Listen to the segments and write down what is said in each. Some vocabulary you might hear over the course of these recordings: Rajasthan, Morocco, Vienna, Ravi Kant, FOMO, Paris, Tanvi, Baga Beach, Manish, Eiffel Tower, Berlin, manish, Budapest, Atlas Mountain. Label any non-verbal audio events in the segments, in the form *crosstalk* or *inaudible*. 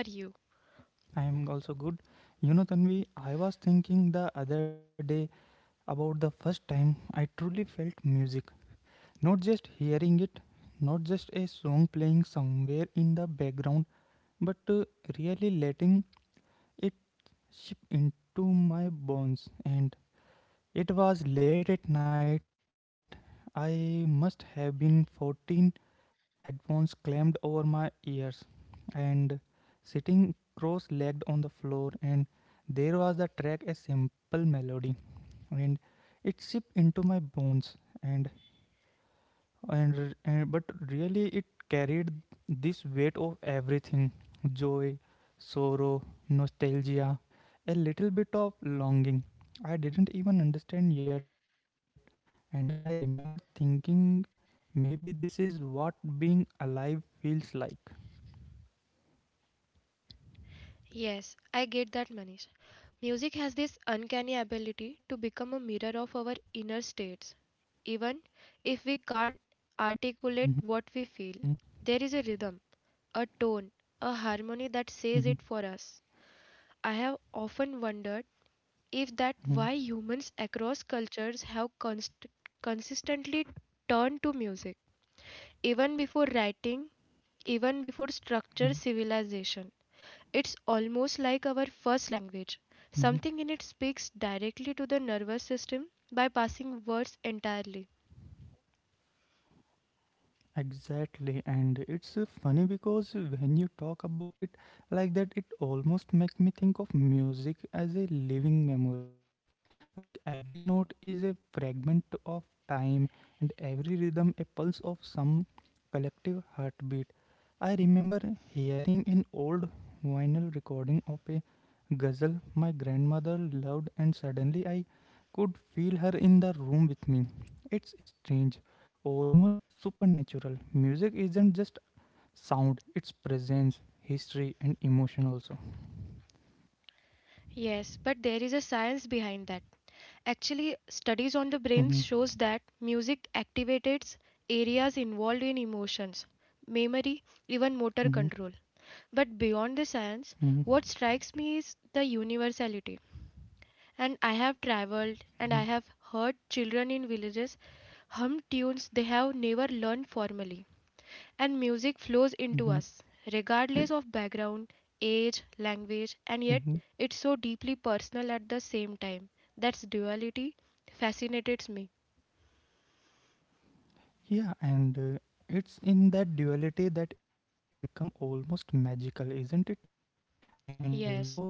I'm fine, Manish. How are you? Yes, I get that, Manish. Music has this uncanny ability to become a mirror of our inner states. Even if we can't articulate what we feel, there is a rhythm, a tone, a harmony that says it for us. I have often wondered if that why humans across cultures have consistently turned to music, even before writing, even before structured civilization. It's almost like our first language. Something in it speaks directly to the nervous system by passing words entirely. Yes, but there is a science behind that. Actually, studies on the brain shows that music activates areas involved in emotions, memory, even motor control. But beyond the science, what strikes me is the universality. And I have traveled and I have heard children in villages hum tunes they have never learned formally. And music flows into us, regardless of background, age, language, and yet it's so deeply personal at the same time. That's duality fascinates me. Yes,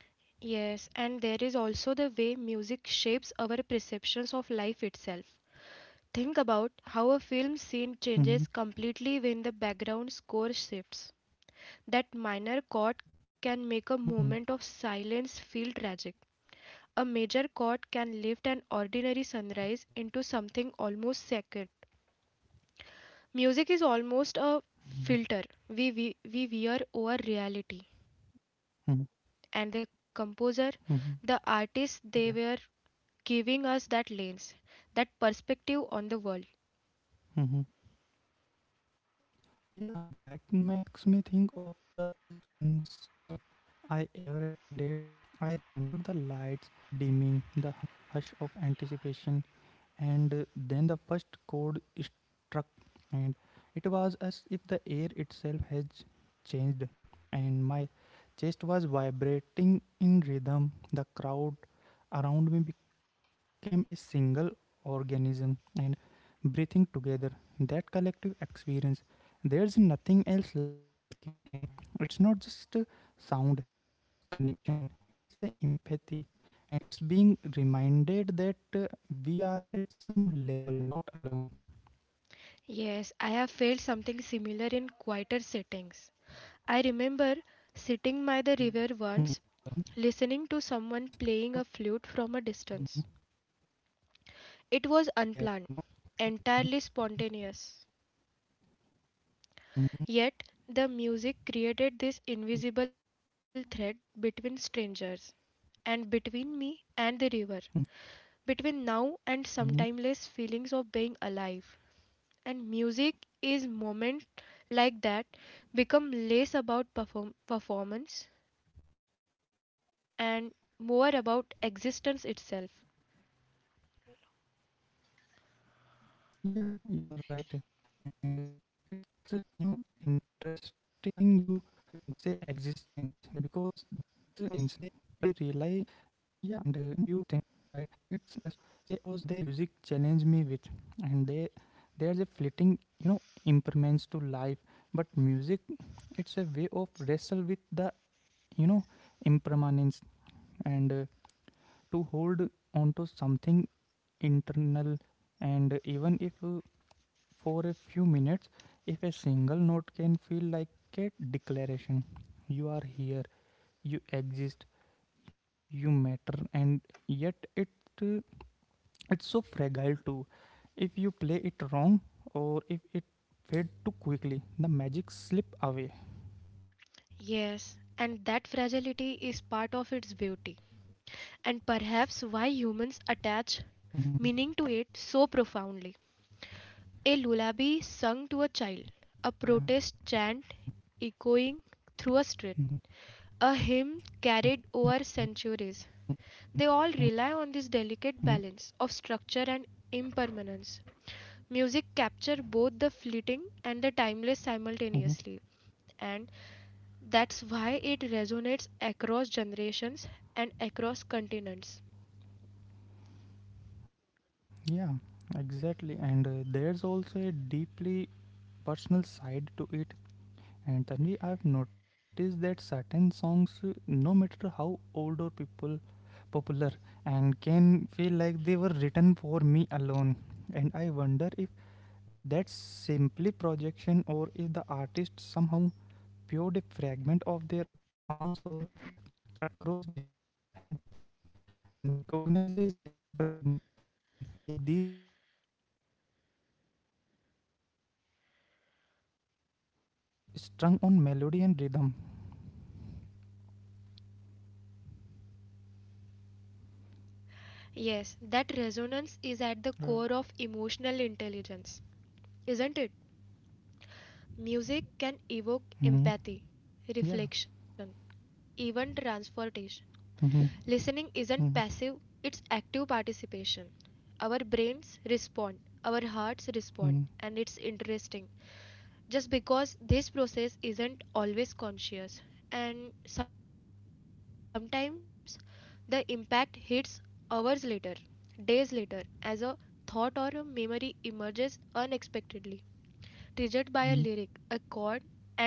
yes, and there is also the way music shapes our perceptions of life itself. Think about how a film scene changes completely when the background score shifts. That minor chord can make a moment of silence feel tragic. A major chord can lift an ordinary sunrise into something almost sacred. Music is almost a filter we wear over reality. And the composer, the artist, they were giving us that lens, that perspective on the world. Yes, I have felt something similar in quieter settings. I remember sitting by the river once, listening to someone playing a flute from a distance. It was unplanned, entirely spontaneous. Yet, the music created this invisible thread between strangers, and between me and the river, between now and some timeless feelings of being alive. And music is moments like that become less about performance and more about existence itself. Yes, and that fragility is part of its beauty and perhaps why humans attach meaning to it so profoundly. A lullaby sung to a child, a protest chant echoing through a street, a hymn carried over centuries. They all rely on this delicate balance of structure and impermanence. Music captures both the fleeting and the timeless simultaneously, and that's why it resonates across generations and across continents. Yes, that resonance is at the core of emotional intelligence, isn't it? Music can evoke empathy, reflection, even transportation. Listening isn't passive, it's active participation. Our brains respond, our hearts respond, and it's interesting just because this process isn't always conscious, and sometimes the impact hits hours later, days later, as a thought or a memory emerges unexpectedly, triggered by a lyric, a chord, and a beat.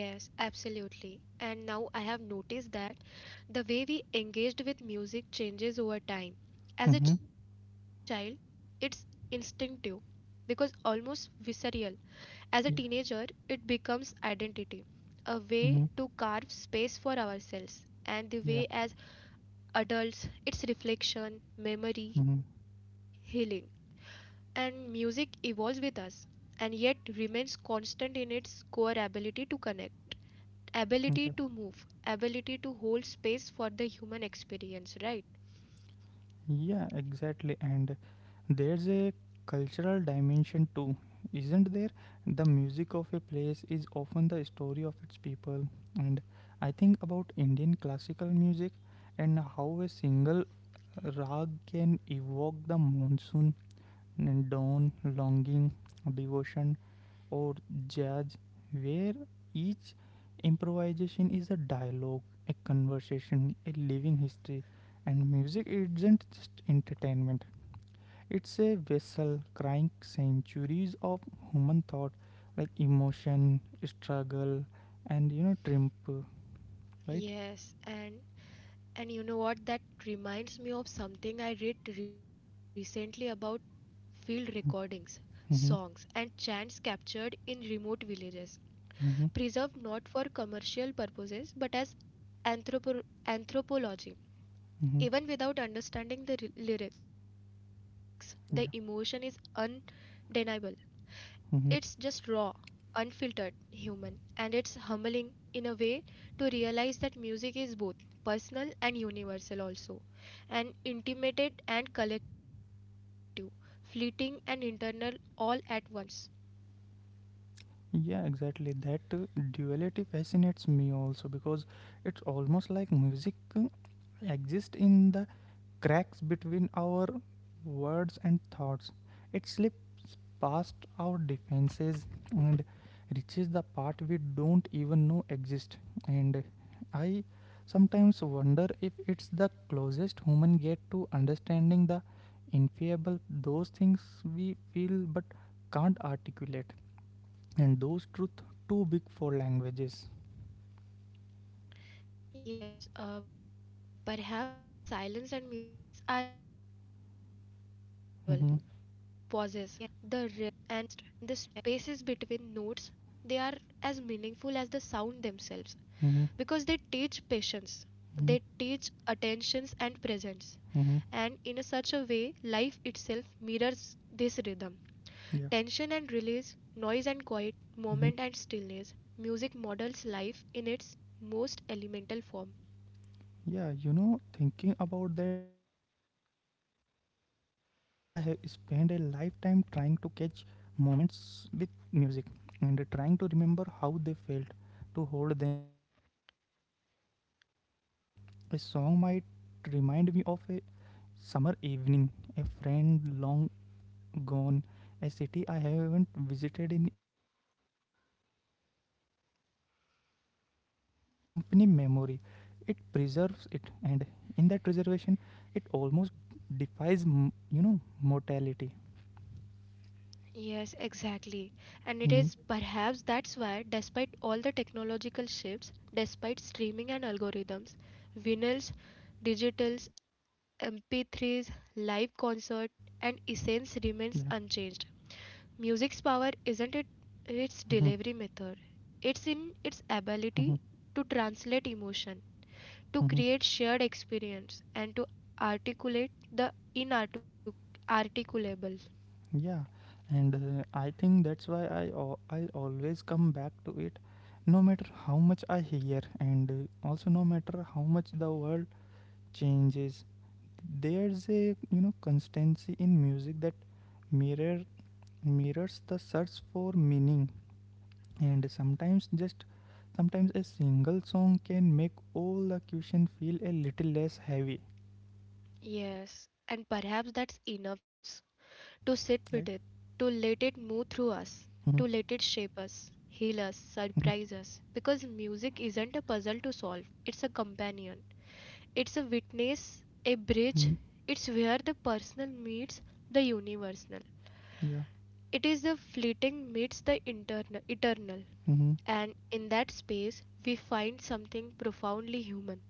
Yes, absolutely. And now I have noticed that the way we engaged with music changes over time. As a child, it's instinctive because almost visceral. As a teenager, it becomes identity, a way to carve space for ourselves. And the way as adults, it's reflection, memory, healing. And music evolves with us and yet remains constant in its core ability to connect, ability to move, ability to hold space for the human experience, right? Yes, and you know what? That reminds me of something I read recently about field recordings, songs, and chants captured in remote villages, preserved not for commercial purposes but as anthropology. Even without understanding the lyrics, the emotion is undeniable. It's just raw, unfiltered, human, and it's humbling in a way to realize that music is both personal and universal, also, and intimate and collective, fleeting and internal all at once. Yes, perhaps that's why silence and music are inseparable. Because the pauses, the rest, and the spaces between notes, they are as meaningful as the sound themselves. Because they teach patience, they teach attentions and presence. And in a such a way, life itself mirrors this rhythm. Tension and release, noise and quiet, moment and stillness. Music models life in its most elemental form. Yes, exactly. And it is perhaps that's why, despite all the technological shifts, despite streaming and algorithms, vinyls, digital MP3's, live concert, and essence remains unchanged. Music's power isn't it its delivery method. It's in its ability to translate emotion, to create shared experience, and to articulate the inarticulable. Yes, and perhaps that's enough to sit with it, to let it move through us, to let it shape us, heal us, surprise us. Because music isn't a puzzle to solve, it's a companion. It's a witness, a bridge. It's where the personal meets the universal. It is the fleeting meets the internal, eternal. And in that space, we find something profoundly human.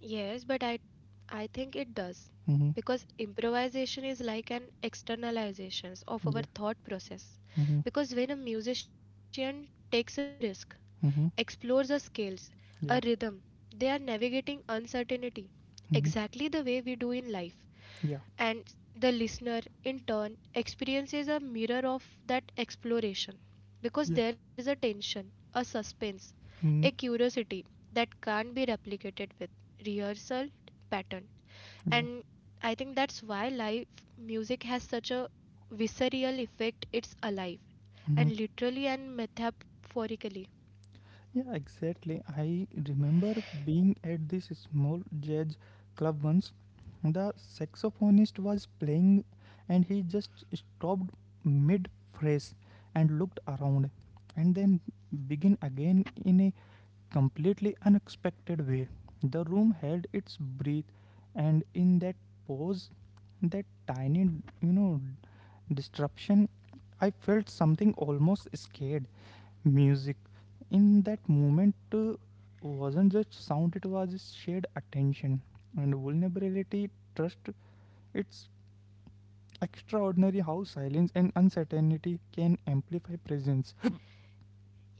Yes, but I think it does. Because improvisation is like an externalization of our thought process. Because when a musician takes a risk, explores a scales, a rhythm. They are navigating uncertainty exactly the way we do in life. And the listener, in turn, experiences a mirror of that exploration because there is a tension, a suspense, a curiosity that can't be replicated with rehearsal pattern. And I think that's why live music has such a visceral effect. It's alive, and literally and metaphorically.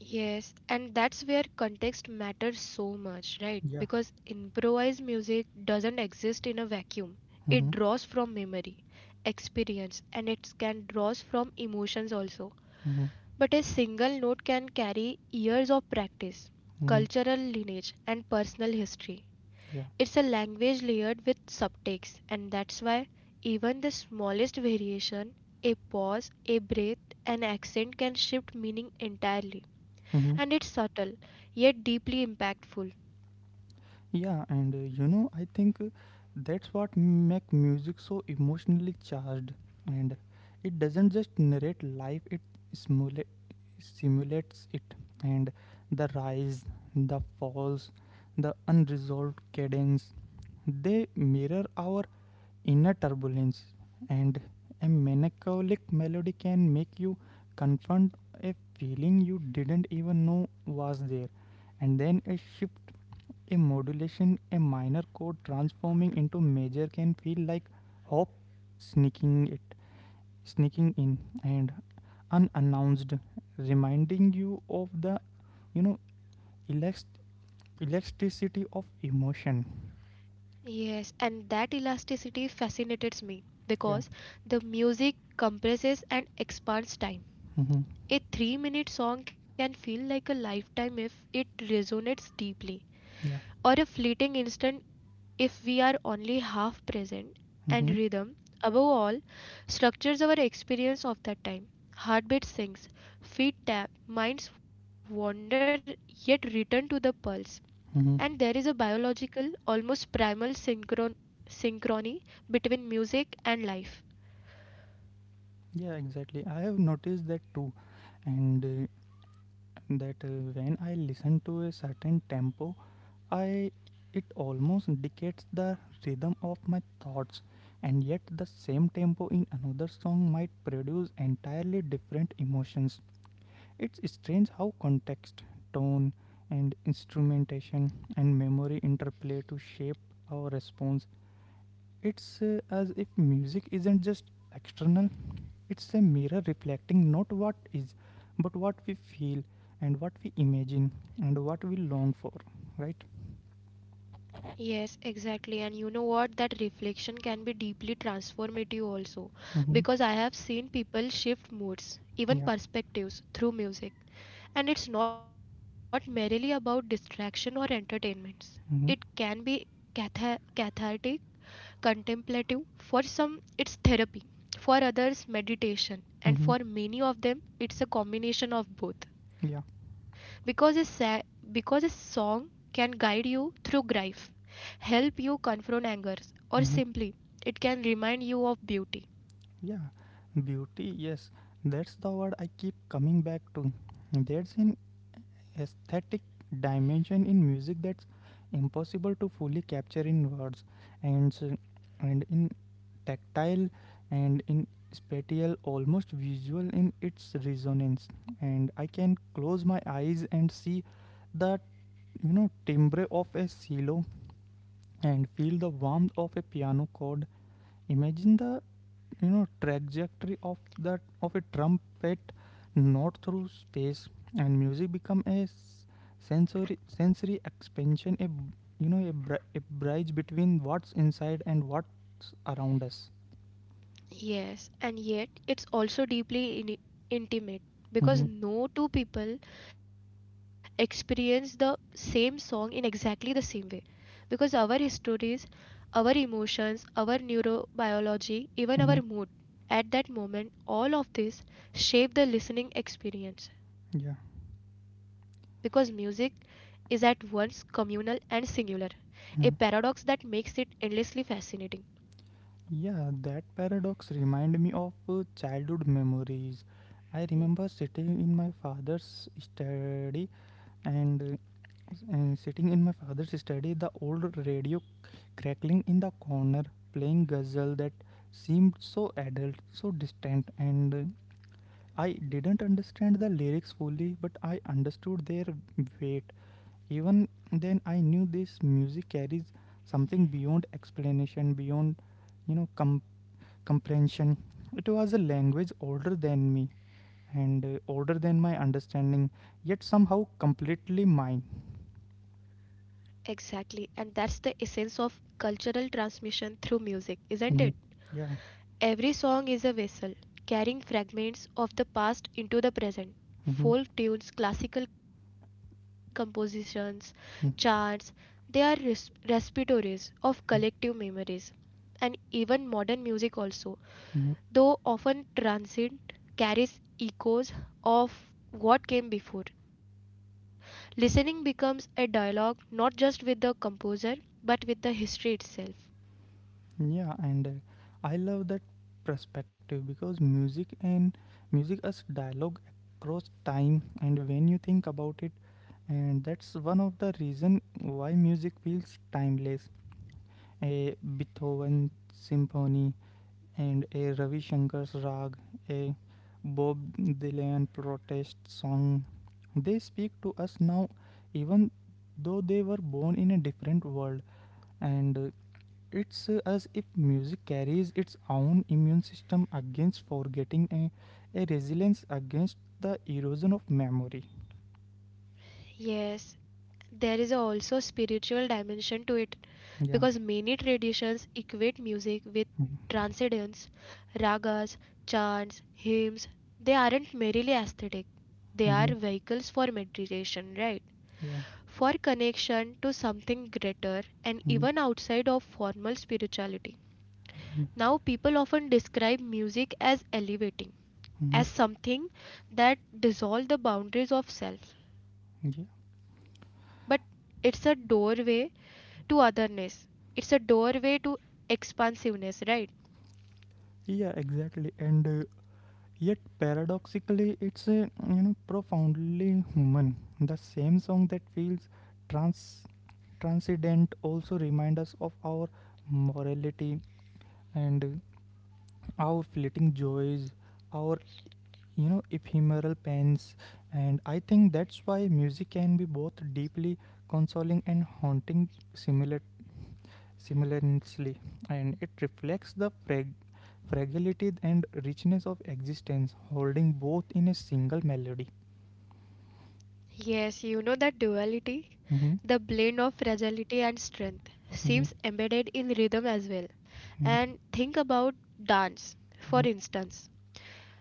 Yes, and that's where context matters so much, right? Because improvised music doesn't exist in a vacuum. It draws from memory, experience, and it can draws from emotions also. But a single note can carry years of practice, cultural lineage, and personal history. It's a language layered with subtext, and that's why even the smallest variation, a pause, a breath, an accent can shift meaning entirely, and it's subtle yet deeply impactful. Yes, and that elasticity fascinates me because the music compresses and expands time. A 3 minute song can feel like a lifetime if it resonates deeply, or a fleeting instant if we are only half present. And rhythm, above all, structures our experience of that time. Heartbeat sinks, feet tap, minds wander yet return to the pulse. And there is a biological, almost primal synchrony between music and life. Yes, exactly. And you know what? That reflection can be deeply transformative also because I have seen people shift moods, even perspectives, through music. And it's not merely about distraction or entertainments. It can be cathartic, contemplative. For some, it's therapy. For others, meditation. And for many of them, it's a combination of both. Because a, sa- because a song can guide you through grief, help you confront anger, or simply it can remind you of beauty. Yes, and yet it's also deeply intimate because no two people experience the same song in exactly the same way. Because our histories, our emotions, our neurobiology, even our mood at that moment, all of this shape the listening experience. Because music is at once communal and singular, a paradox that makes it endlessly fascinating. Exactly, and that's the essence of cultural transmission through music, isn't it? Every song is a vessel, carrying fragments of the past into the present. Folk tunes, classical compositions, chants, they are respiratories of collective memories. And even modern music also, though often transient, carries echoes of what came before. Listening becomes a dialogue not just with the composer but with the history itself. Yes, there is also spiritual dimension to it because many traditions equate music with transcendence, ragas, chants, hymns. They aren't merely aesthetic, they are vehicles for meditation, right? For connection to something greater and even outside of formal spirituality. Now, people often describe music as elevating, as something that dissolves the boundaries of self. But it's a doorway to otherness, it's a doorway to expansiveness, right? Yes, you know that duality, the blend of fragility and strength, seems embedded in rhythm as well. And think about dance, for instance.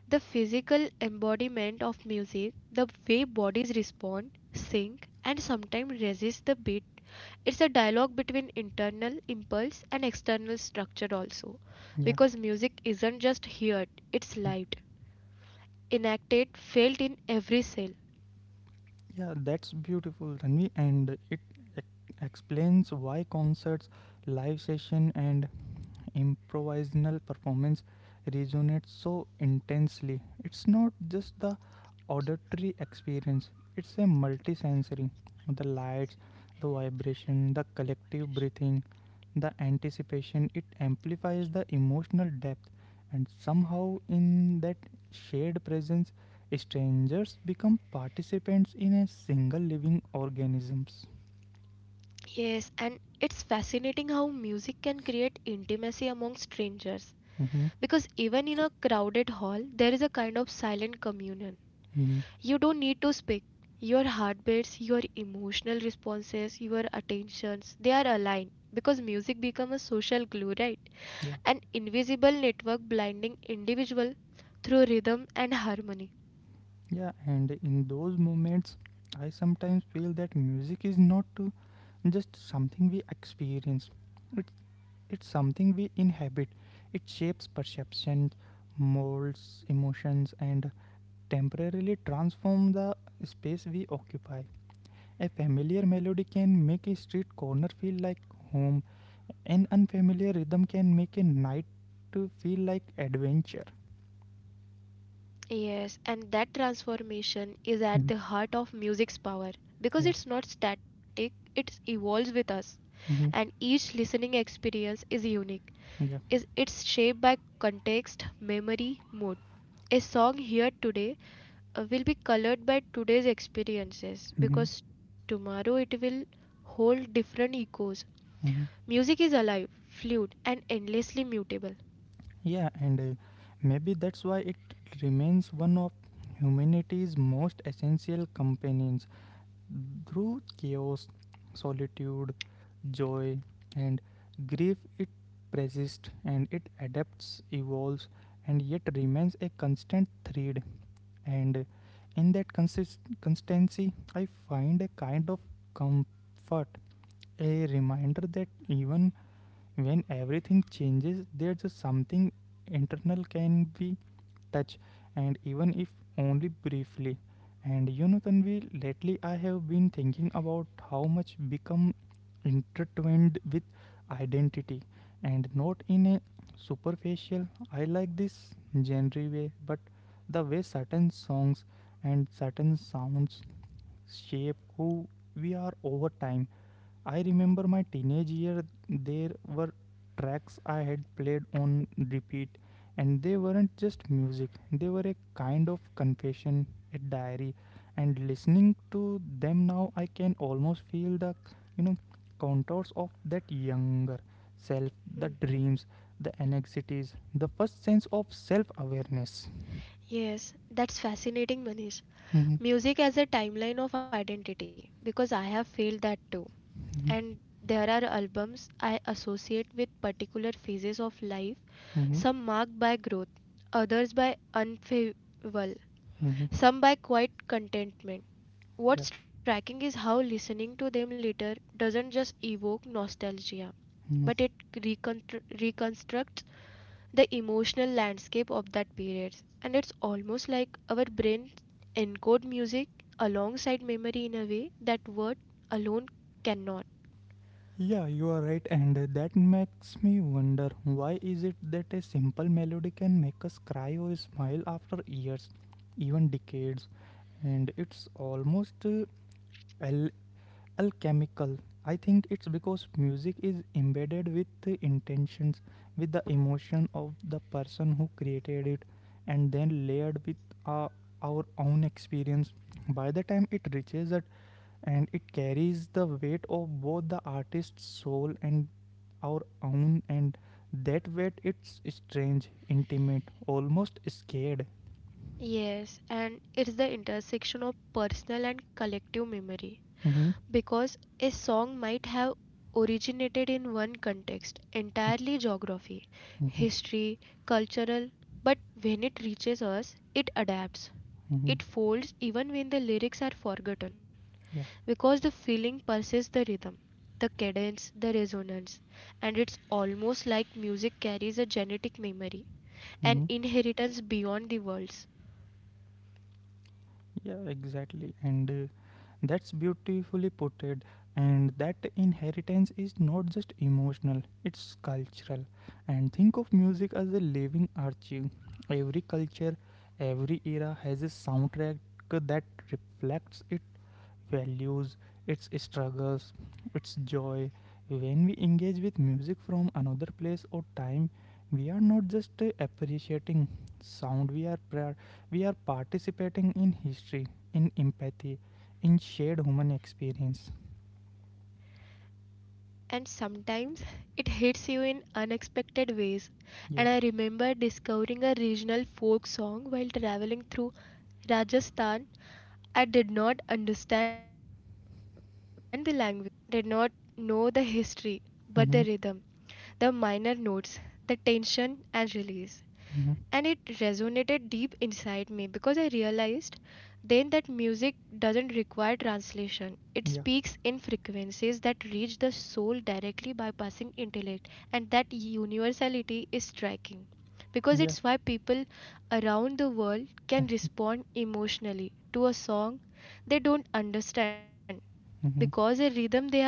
The physical embodiment of music, the way bodies respond, sync, and sometimes resist the beat. It's a dialogue between internal impulse and external structure, also, because music isn't just heard, it's lived, enacted, felt in every cell. Yes, and it's fascinating how music can create intimacy among strangers because even in a crowded hall, there is a kind of silent communion. You don't need to speak. Your heartbeats, your emotional responses, your attentions, they are aligned because music becomes a social glue, right? An invisible network blinding individual through rhythm and harmony. Yes, and that transformation is at the heart of music's power because it's not static, it evolves with us. And each listening experience is unique. Is it's shaped by context, memory, mood. A song heard today will be colored by today's experiences because tomorrow it will hold different echoes. Music is alive, fluid, and endlessly mutable. Yes, that's fascinating, Manish. Music as a timeline of identity because I have felt that too. And there are albums I associate with particular phases of life, some marked by growth, others by unfavorable, some by quiet contentment. What's striking is how listening to them later doesn't just evoke nostalgia, but it reconstructs the emotional landscape of that period. And it's almost like our brains encode music alongside memory in a way that word alone cannot. Yes, and it's the intersection of personal and collective memory because a song might have originated in one context, entirely geography, history, cultural, but when it reaches us, it adapts. It folds even when the lyrics are forgotten because the feeling persists the rhythm, the cadence, the resonance, and it's almost like music carries a genetic memory, an inheritance beyond the worlds. And sometimes *laughs* it hits you in unexpected ways. And I remember discovering a regional folk song while traveling through Rajasthan. I did not understand the language, did not know the history, but the rhythm, the minor notes, the tension and release and it resonated deep inside me because I realized then that music doesn't require translation. It speaks in frequencies that reach the soul directly bypassing intellect, and that universality is striking because it's why people around the world can respond emotionally to a song they don't understand because a rhythm they have never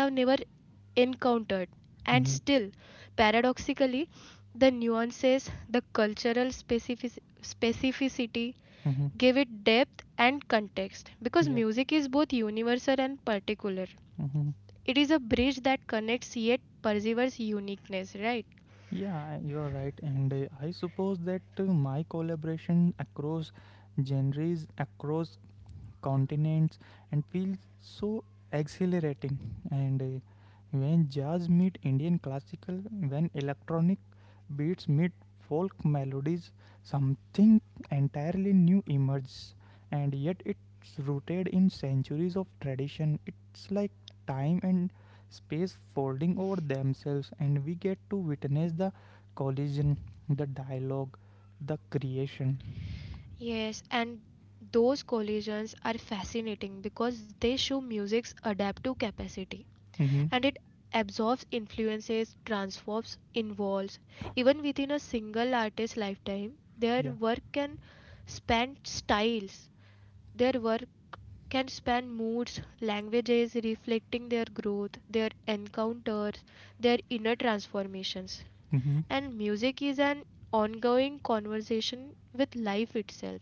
encountered. And still, paradoxically, the nuances, the specificity give it depth and context because music is both universal and particular. It is a bridge that connects yet preserves uniqueness, right? Yes, and those collisions are fascinating because they show music's adaptive capacity and it absorbs, influences, transforms, involves. Even within a single artist's lifetime, their work can span styles, their work can span moods, languages, reflecting their growth, their encounters, their inner transformations. And music is an ongoing conversation with life itself.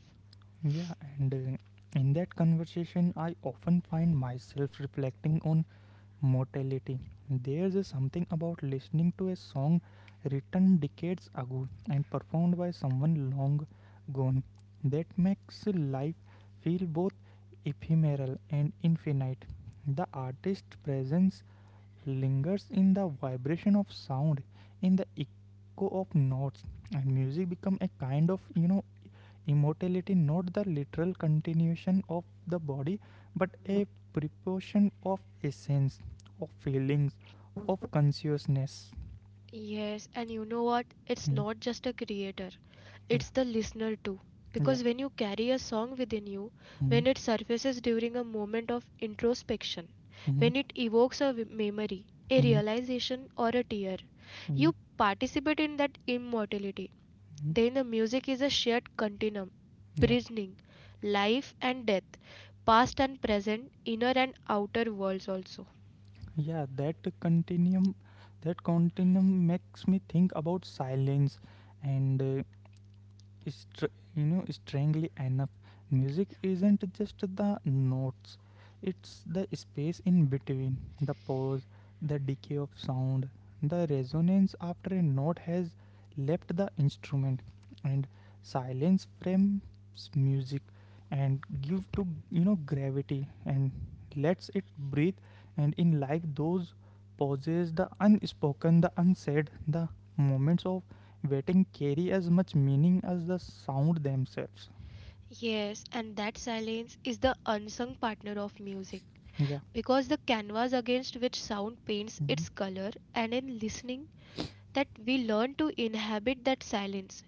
Yes, and you know what? It's not just a creator, it's the listener too. Because when you carry a song within you, when it surfaces during a moment of introspection, when it evokes memory, a realization, or a tear, you participate in that immortality. Then the music is a shared continuum, bridging life and death, past and present, inner and outer worlds also. Yes, and that silence is the unsung partner of music because the canvas against which sound paints its color, and in listening, that we learn to inhabit that silence,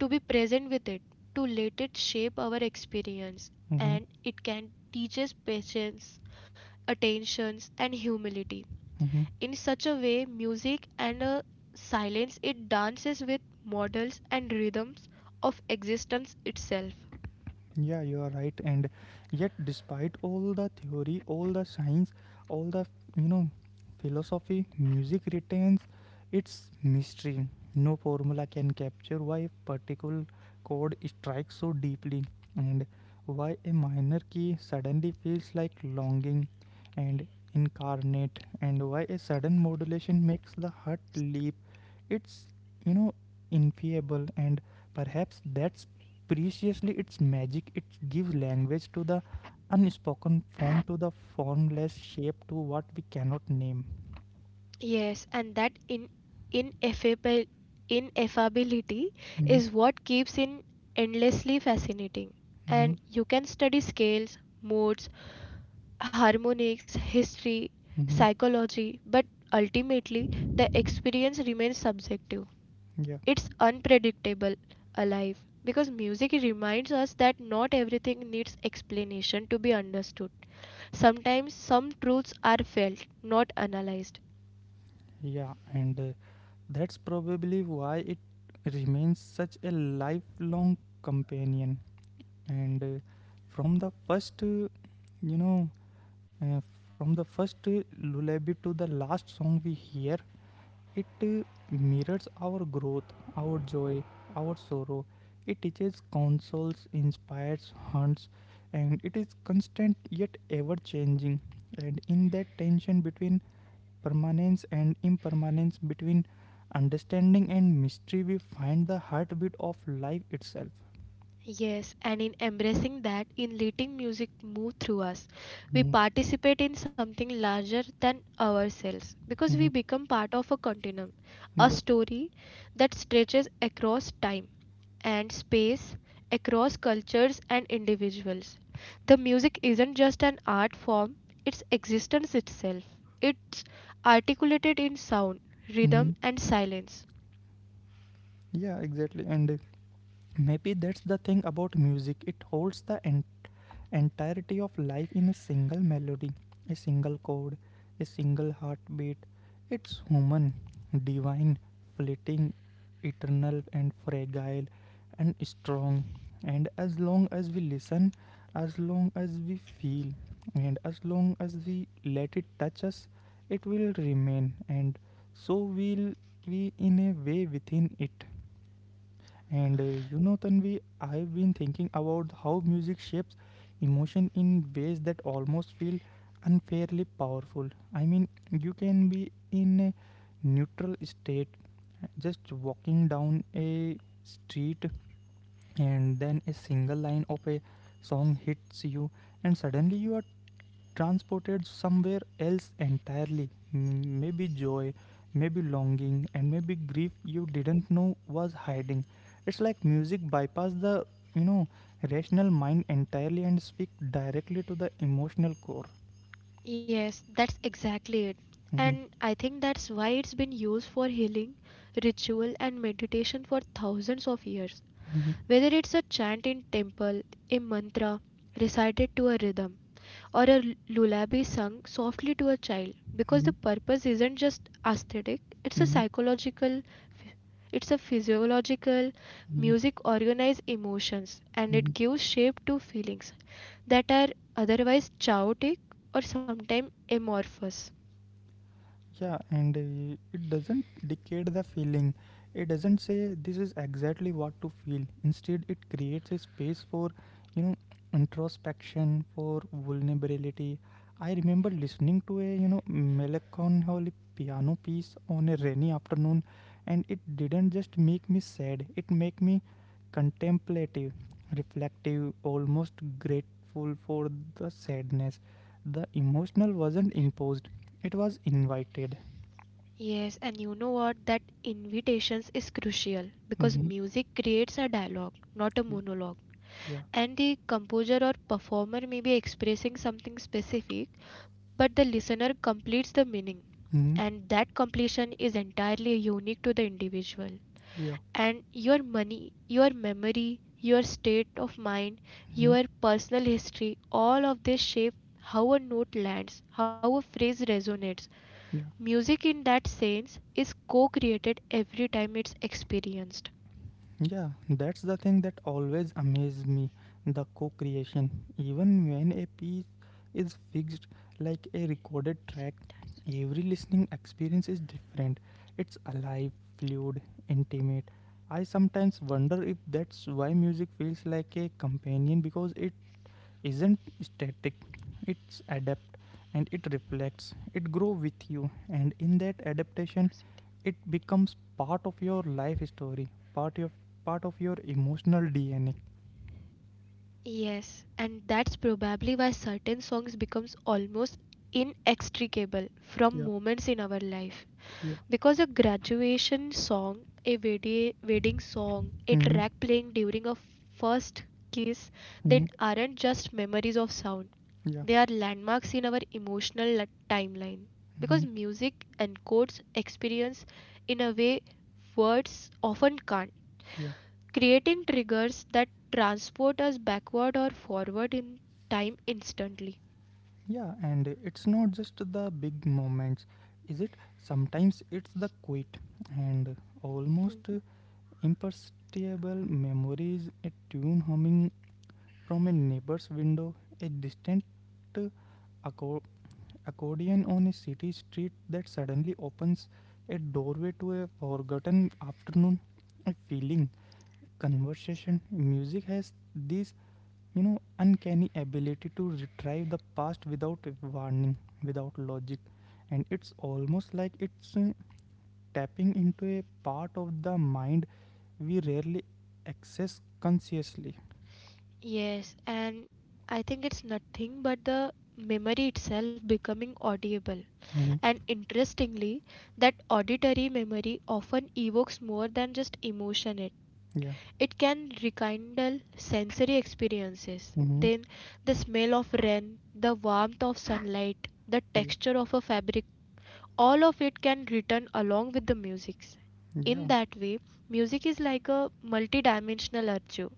to be present with it, to let it shape our experience, and it can teach us patience, attentions, and humility. In such a way, music and a silence it dances with models and rhythms of existence itself. Yes, and that in ineffable ineffability is what keeps it endlessly fascinating. And you can study scales, modes, harmonics, history, psychology, but ultimately the experience remains subjective. It's unpredictable, alive, because music reminds us that not everything needs explanation to be understood. Sometimes some truths are felt, not analyzed. Yes, and in embracing that, in letting music move through us, we participate in something larger than ourselves because we become part of a continuum, a story that stretches across time and space, across cultures and individuals. The music isn't just an art form, it's existence itself. It's articulated in sound, rhythm, and silence. Yes, that's exactly it. And I think that's why it's been used for healing, ritual, and meditation for thousands of years. Whether it's a chant in temple, a mantra recited to a rhythm, or lullaby sung softly to a child, because the purpose isn't just aesthetic, it's a psychological, it's a physiological. Music organizes emotions and it gives shape to feelings that are otherwise chaotic or sometimes amorphous. Yes, and you know what? That invitations is crucial because music creates a dialogue, not a monologue. And the composer or performer may be expressing something specific, but the listener completes the meaning. And that completion is entirely unique to the individual. And your money, your memory, your state of mind, your personal history, all of this shape how a note lands, how a phrase resonates Music, in that sense, is co created every time it's experienced. Yes, and that's probably why certain songs becomes almost inextricable from moments in our life. Because a graduation song, wedding song, a track playing during a first kiss, then aren't just memories of sound. They are landmarks in our emotional timeline because music encodes experience in a way words often can't, creating triggers that transport us backward or forward in time instantly. Hmm. Yes, and I think it's nothing but the memory itself becoming audible. And interestingly, that auditory memory often evokes more than just emotion. It can rekindle sensory experiences. Then the smell of rain, the warmth of sunlight, the texture of a fabric, all of it can return along with the music. In that way, music is like a multidimensional archive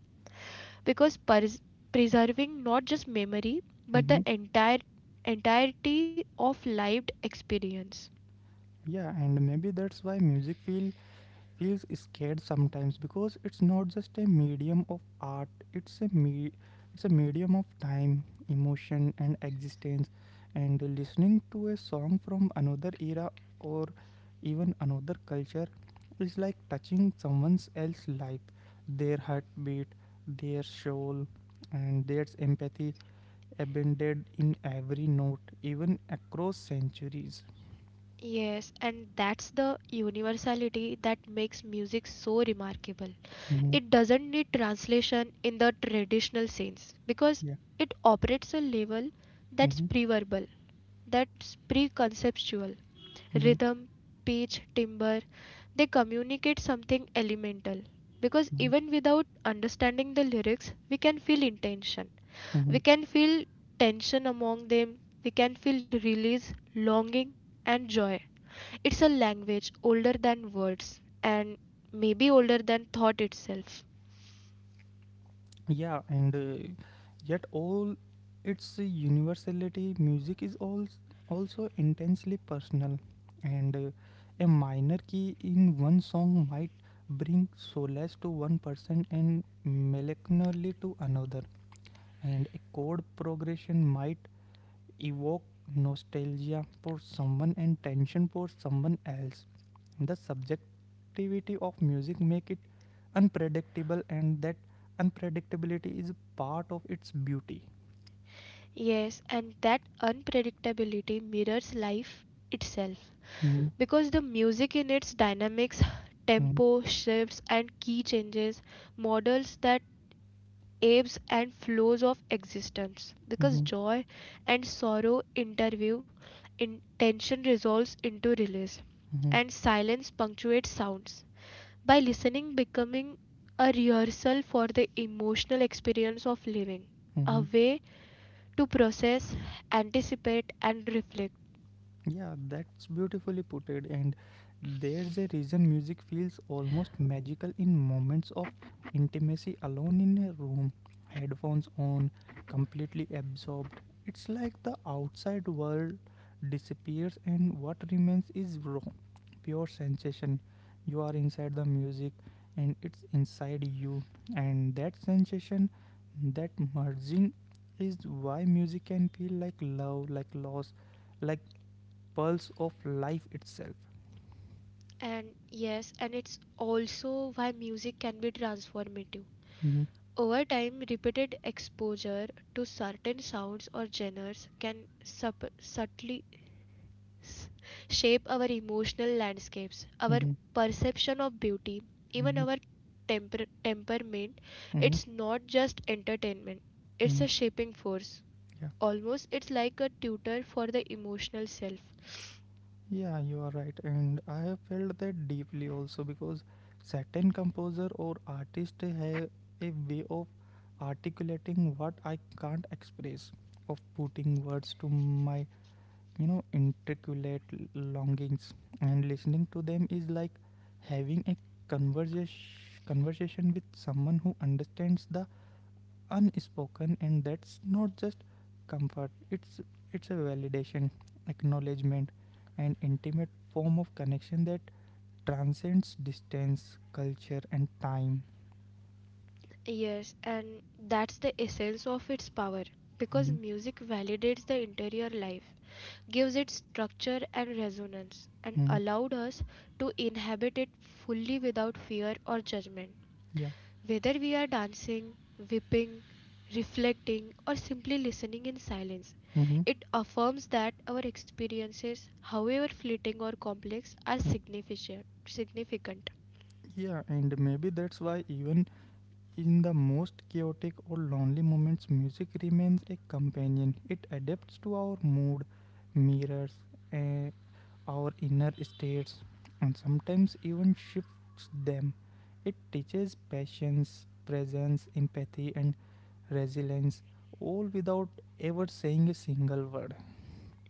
because preserving not just memory but the entirety of lived experience. Yes, and that's the universality that makes music so remarkable. It doesn't need translation in the traditional sense because it operates a level that's pre-verbal, that's pre-conceptual. Rhythm, pitch, timbre, they communicate something elemental. Because even without understanding the lyrics, we can feel intention. We can feel tension among them. We can feel release, longing, and joy. It's a language older than words and maybe older than thought itself. Yes, and that unpredictability mirrors life itself because the music in its dynamics, *sighs* tempo, shifts, and key changes models that ebbs and flows of existence because joy and sorrow interview in tension resolves into release and silence punctuates sounds by listening becoming a rehearsal for the emotional experience of living a way to process, anticipate, and reflect. And yes, and it's also why music can be transformative. Over time, repeated exposure to certain sounds or genres can subtly s- shape our emotional landscapes, our perception of beauty, even our temperament. It's not just entertainment, it's a shaping force. Almost, it's like a tutor for the emotional self. Yes, and that's the essence of its power because music validates the interior life, gives it structure and resonance, and allowed us to inhabit it fully without fear or judgment. Whether we are dancing, whipping, reflecting, or simply listening in silence, it affirms that our experiences, however fleeting or complex, are significant. Significant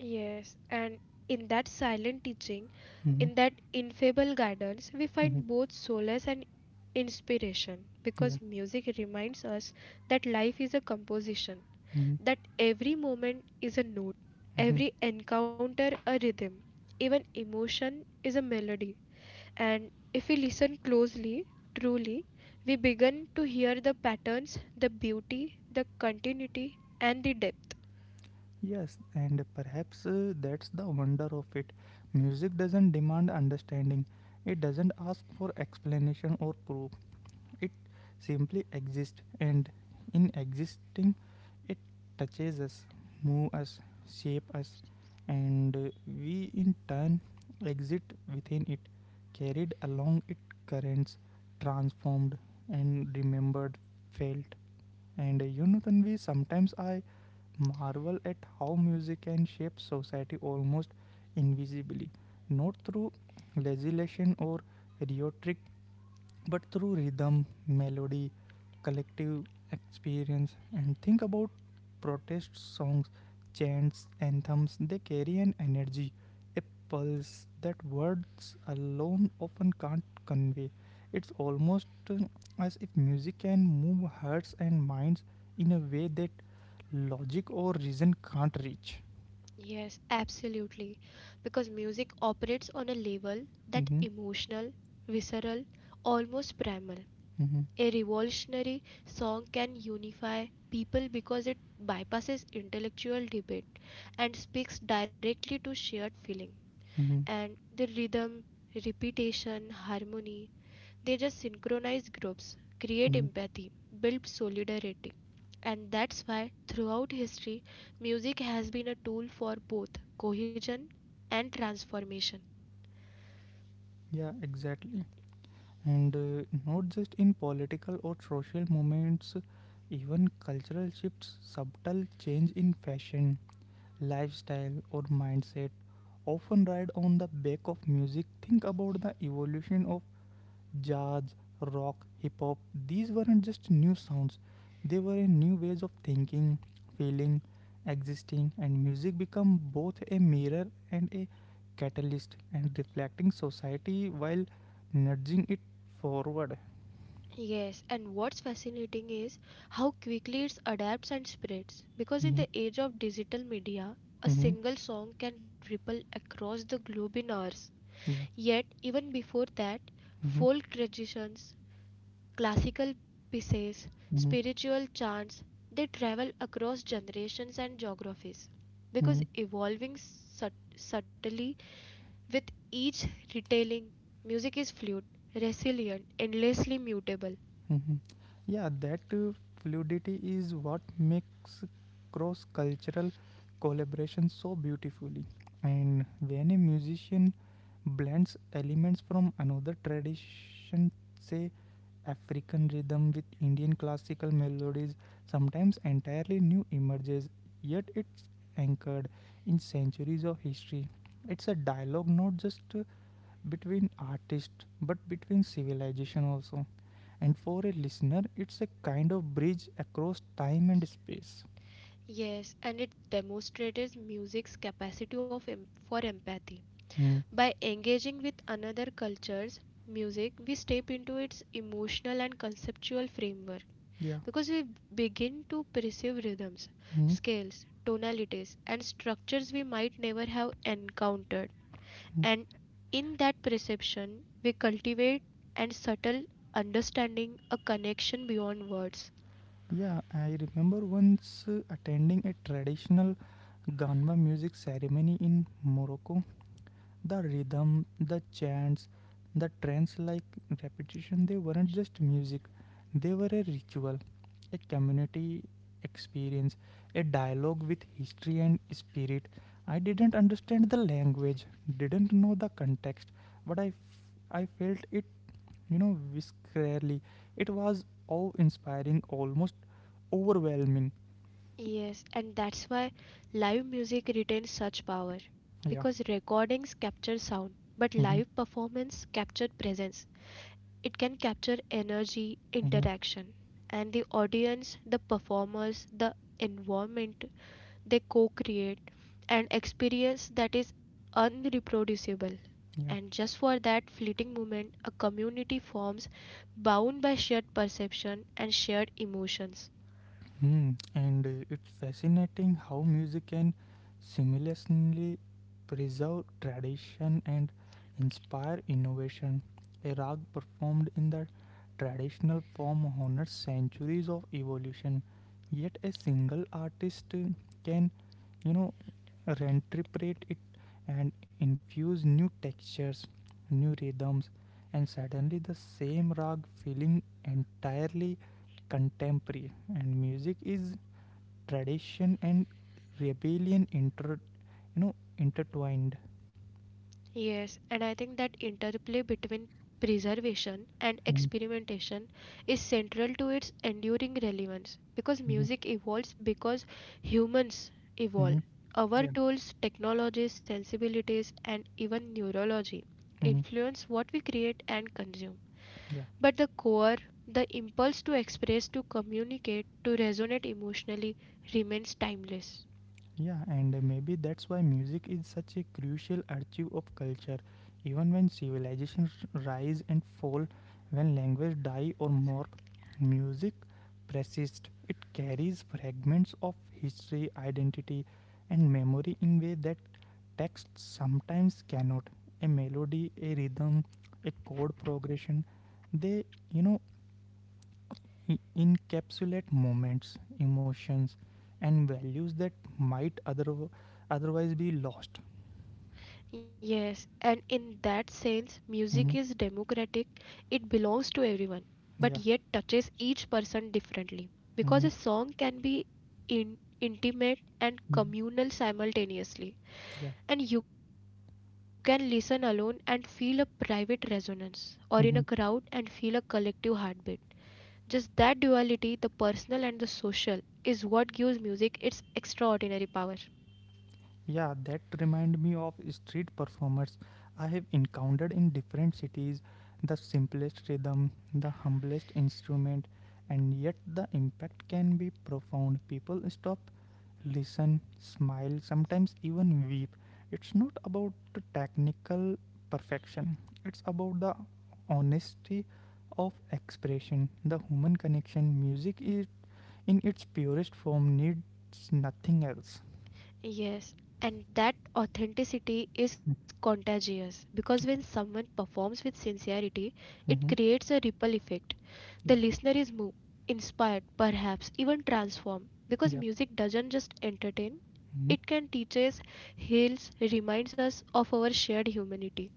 Yes, and in that silent teaching, in that infallible guidance, we find both solace and inspiration because music reminds us that life is a composition, that every moment is a note, every encounter a rhythm, even emotion is a melody. And if we listen closely, truly, we begin to hear the patterns, the beauty, the continuity, and the depth. Yes, absolutely. Because music operates on a level that emotional, visceral, almost primal. A revolutionary song can unify people because it bypasses intellectual debate and speaks directly to shared feeling. And the rhythm, repetition, harmony, they just synchronize groups, create empathy, build solidarity. And that's why throughout history, music has been a tool for both cohesion and transformation. Yes, and what's fascinating is how quickly it adapts and spreads. Because in the age of digital media, a single song can ripple across the globe in hours. Yet, even before that, folk traditions, classical pieces, spiritual chants, they travel across generations and geographies because evolving subtly with each retelling. Music is fluid, resilient, endlessly mutable. Yes, and it demonstrates music's capacity for empathy. By engaging with another culture's music, we step into its emotional and conceptual framework. Because we begin to perceive rhythms, scales, tonalities, and structures we might never have encountered. And in that perception, we cultivate and subtle understanding a connection beyond words. Yes, and that's why live music retains such power because recordings capture sound, but live performance capture presence. It can capture energy, interaction, and the audience, the performers, the environment They co create an experience that is unreproducible. And just for that fleeting moment, a community forms bound by shared perception and shared emotions. Yes, and I think that interplay between preservation and experimentation is central to its enduring relevance because music evolves because humans evolve. Our tools, technologies, sensibilities, and even neurology influence what we create and consume. But the core, the impulse to express, to communicate, to resonate emotionally remains timeless. Yes, and in that sense, music is democratic, it belongs to everyone, but yet touches each person differently. Because a song can be in, intimate and communal simultaneously, and you can listen alone and feel a private resonance, or in a crowd and feel a collective heartbeat. Just that duality, the personal and the social, is what gives music its extraordinary power. Yes, and that authenticity is contagious because when someone performs with sincerity, it creates a ripple effect. The listener is moved, inspired, perhaps even transformed because music doesn't just entertain, it can teach us, heals, reminds us of our shared humanity.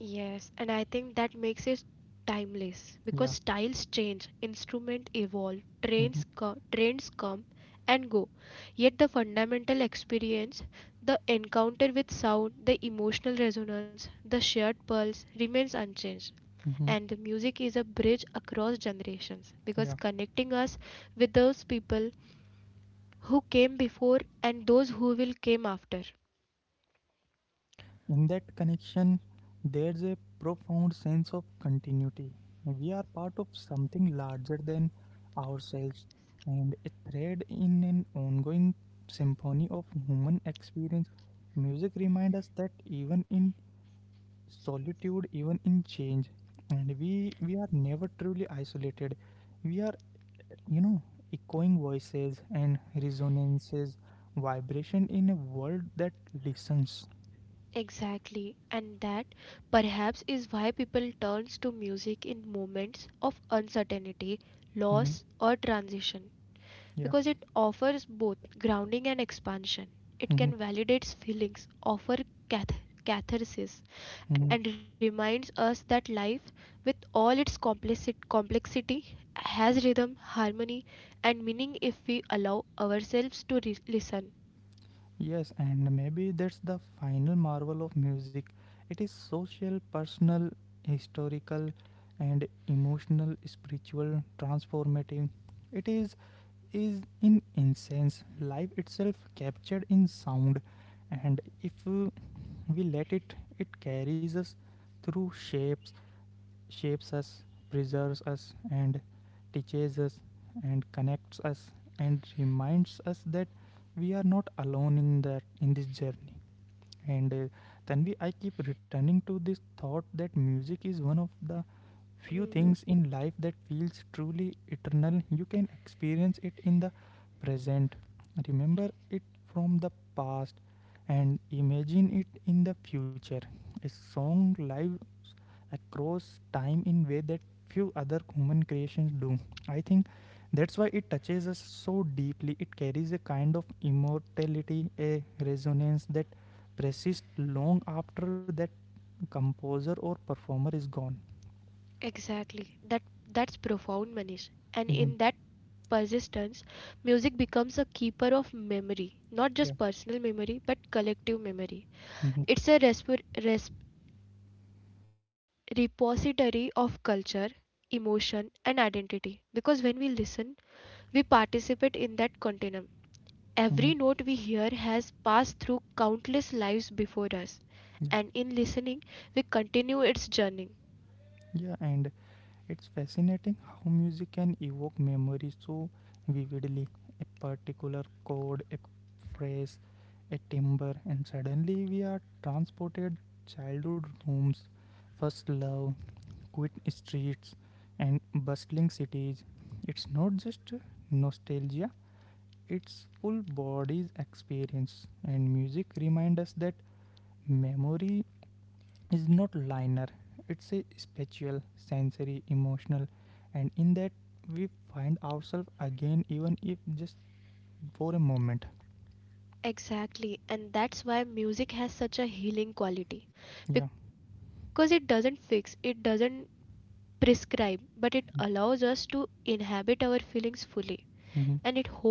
Yes, and I think that makes it timeless because styles change, instruments evolve, trends come and go. Yet the fundamental experience, the encounter with sound, the emotional resonance, the shared pulse remains unchanged. And the music is a bridge across generations because connecting us with those people who came before and those who will came after. And in that connection, there's a profound sense of continuity. We are part of something larger than ourselves and a thread in an ongoing symphony of human experience. Music reminds us that even in solitude, even in change, and we are never truly isolated. We are, you know, echoing voices and resonances, vibration in a world that listens. Exactly, and that perhaps is why people turns to music in moments of uncertainty, Mhm. loss, or transition Yeah. because it offers both grounding and expansion. It Mhm, can validate feelings, offer catharsis, mhm. and reminds us that life, with all its complexity, has rhythm, harmony, and meaning if we allow ourselves to listen. Yes, and maybe that's the final marvel of music. It is social, personal, historical, and emotional, spiritual, transformative. It is in essence life itself captured in sound, and if we let it, it carries us through shapes us, preserves us, and teaches us, and connects us, and reminds us that we are not alone in that in this journey. And Tanvi, I keep returning to this thought that music is one of Mm. the few things in life that feels truly eternal. You can experience it in the present, remember it from the past, and imagine it in the future. A song live across time in way that few other human creations do. I think that's why it touches us so deeply. It carries a kind of immortality, a resonance that persists long after that composer or performer is gone. Exactly. That's profound, Manish. And Mhm. in that persistence, music becomes a keeper of memory, not Yeah. just personal memory, but collective memory. Mhm. It's a repository of culture, Yeah. emotion, and identity. Because when we listen, we participate in that continuum. Every Mhm. note we hear has passed through countless lives before us, and Yeah. in listening, we continue its journey. Yeah. And it's fascinating how music can evoke memory so vividly. A particular chord, a phrase, a timbre, and suddenly we are transported childhood rooms, first love, quiet streets, and bustling cities. It's not just nostalgia, it's full body's experience, and music reminds us that memory is not linear, it's a spatial sensory emotional, and in that we find ourselves again even if just for a moment. Exactly, and that's why music has such a healing quality Yeah. because it doesn't fix, it doesn't prescribe, but it allows us to inhabit our feelings Hmm. fully.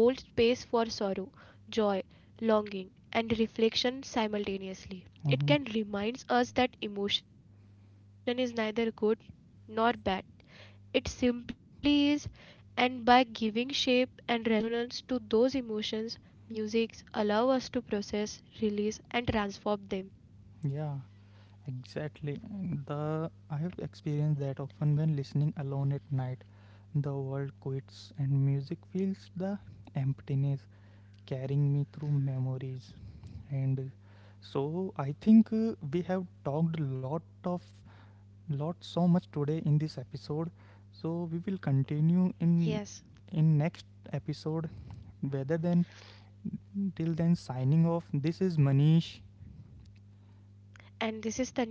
And it holds space for sorrow, joy, longing, and reflection Hmm. simultaneously. It can remind us that emotion is neither good nor bad, it simply is. And by giving shape and resonance to those emotions, musics allow us to process, release, and transform them. Yeah, exactly. The I have experienced that often when listening alone at night, the world quits and music fills the emptiness, carrying me through memories. And so I think we have talked a lot, so much today in this episode, so we will continue in Yes. next episode. Whether than till then, signing off, this is Manish.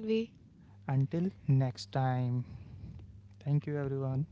And this is Tanvi. Until next time, thank you everyone.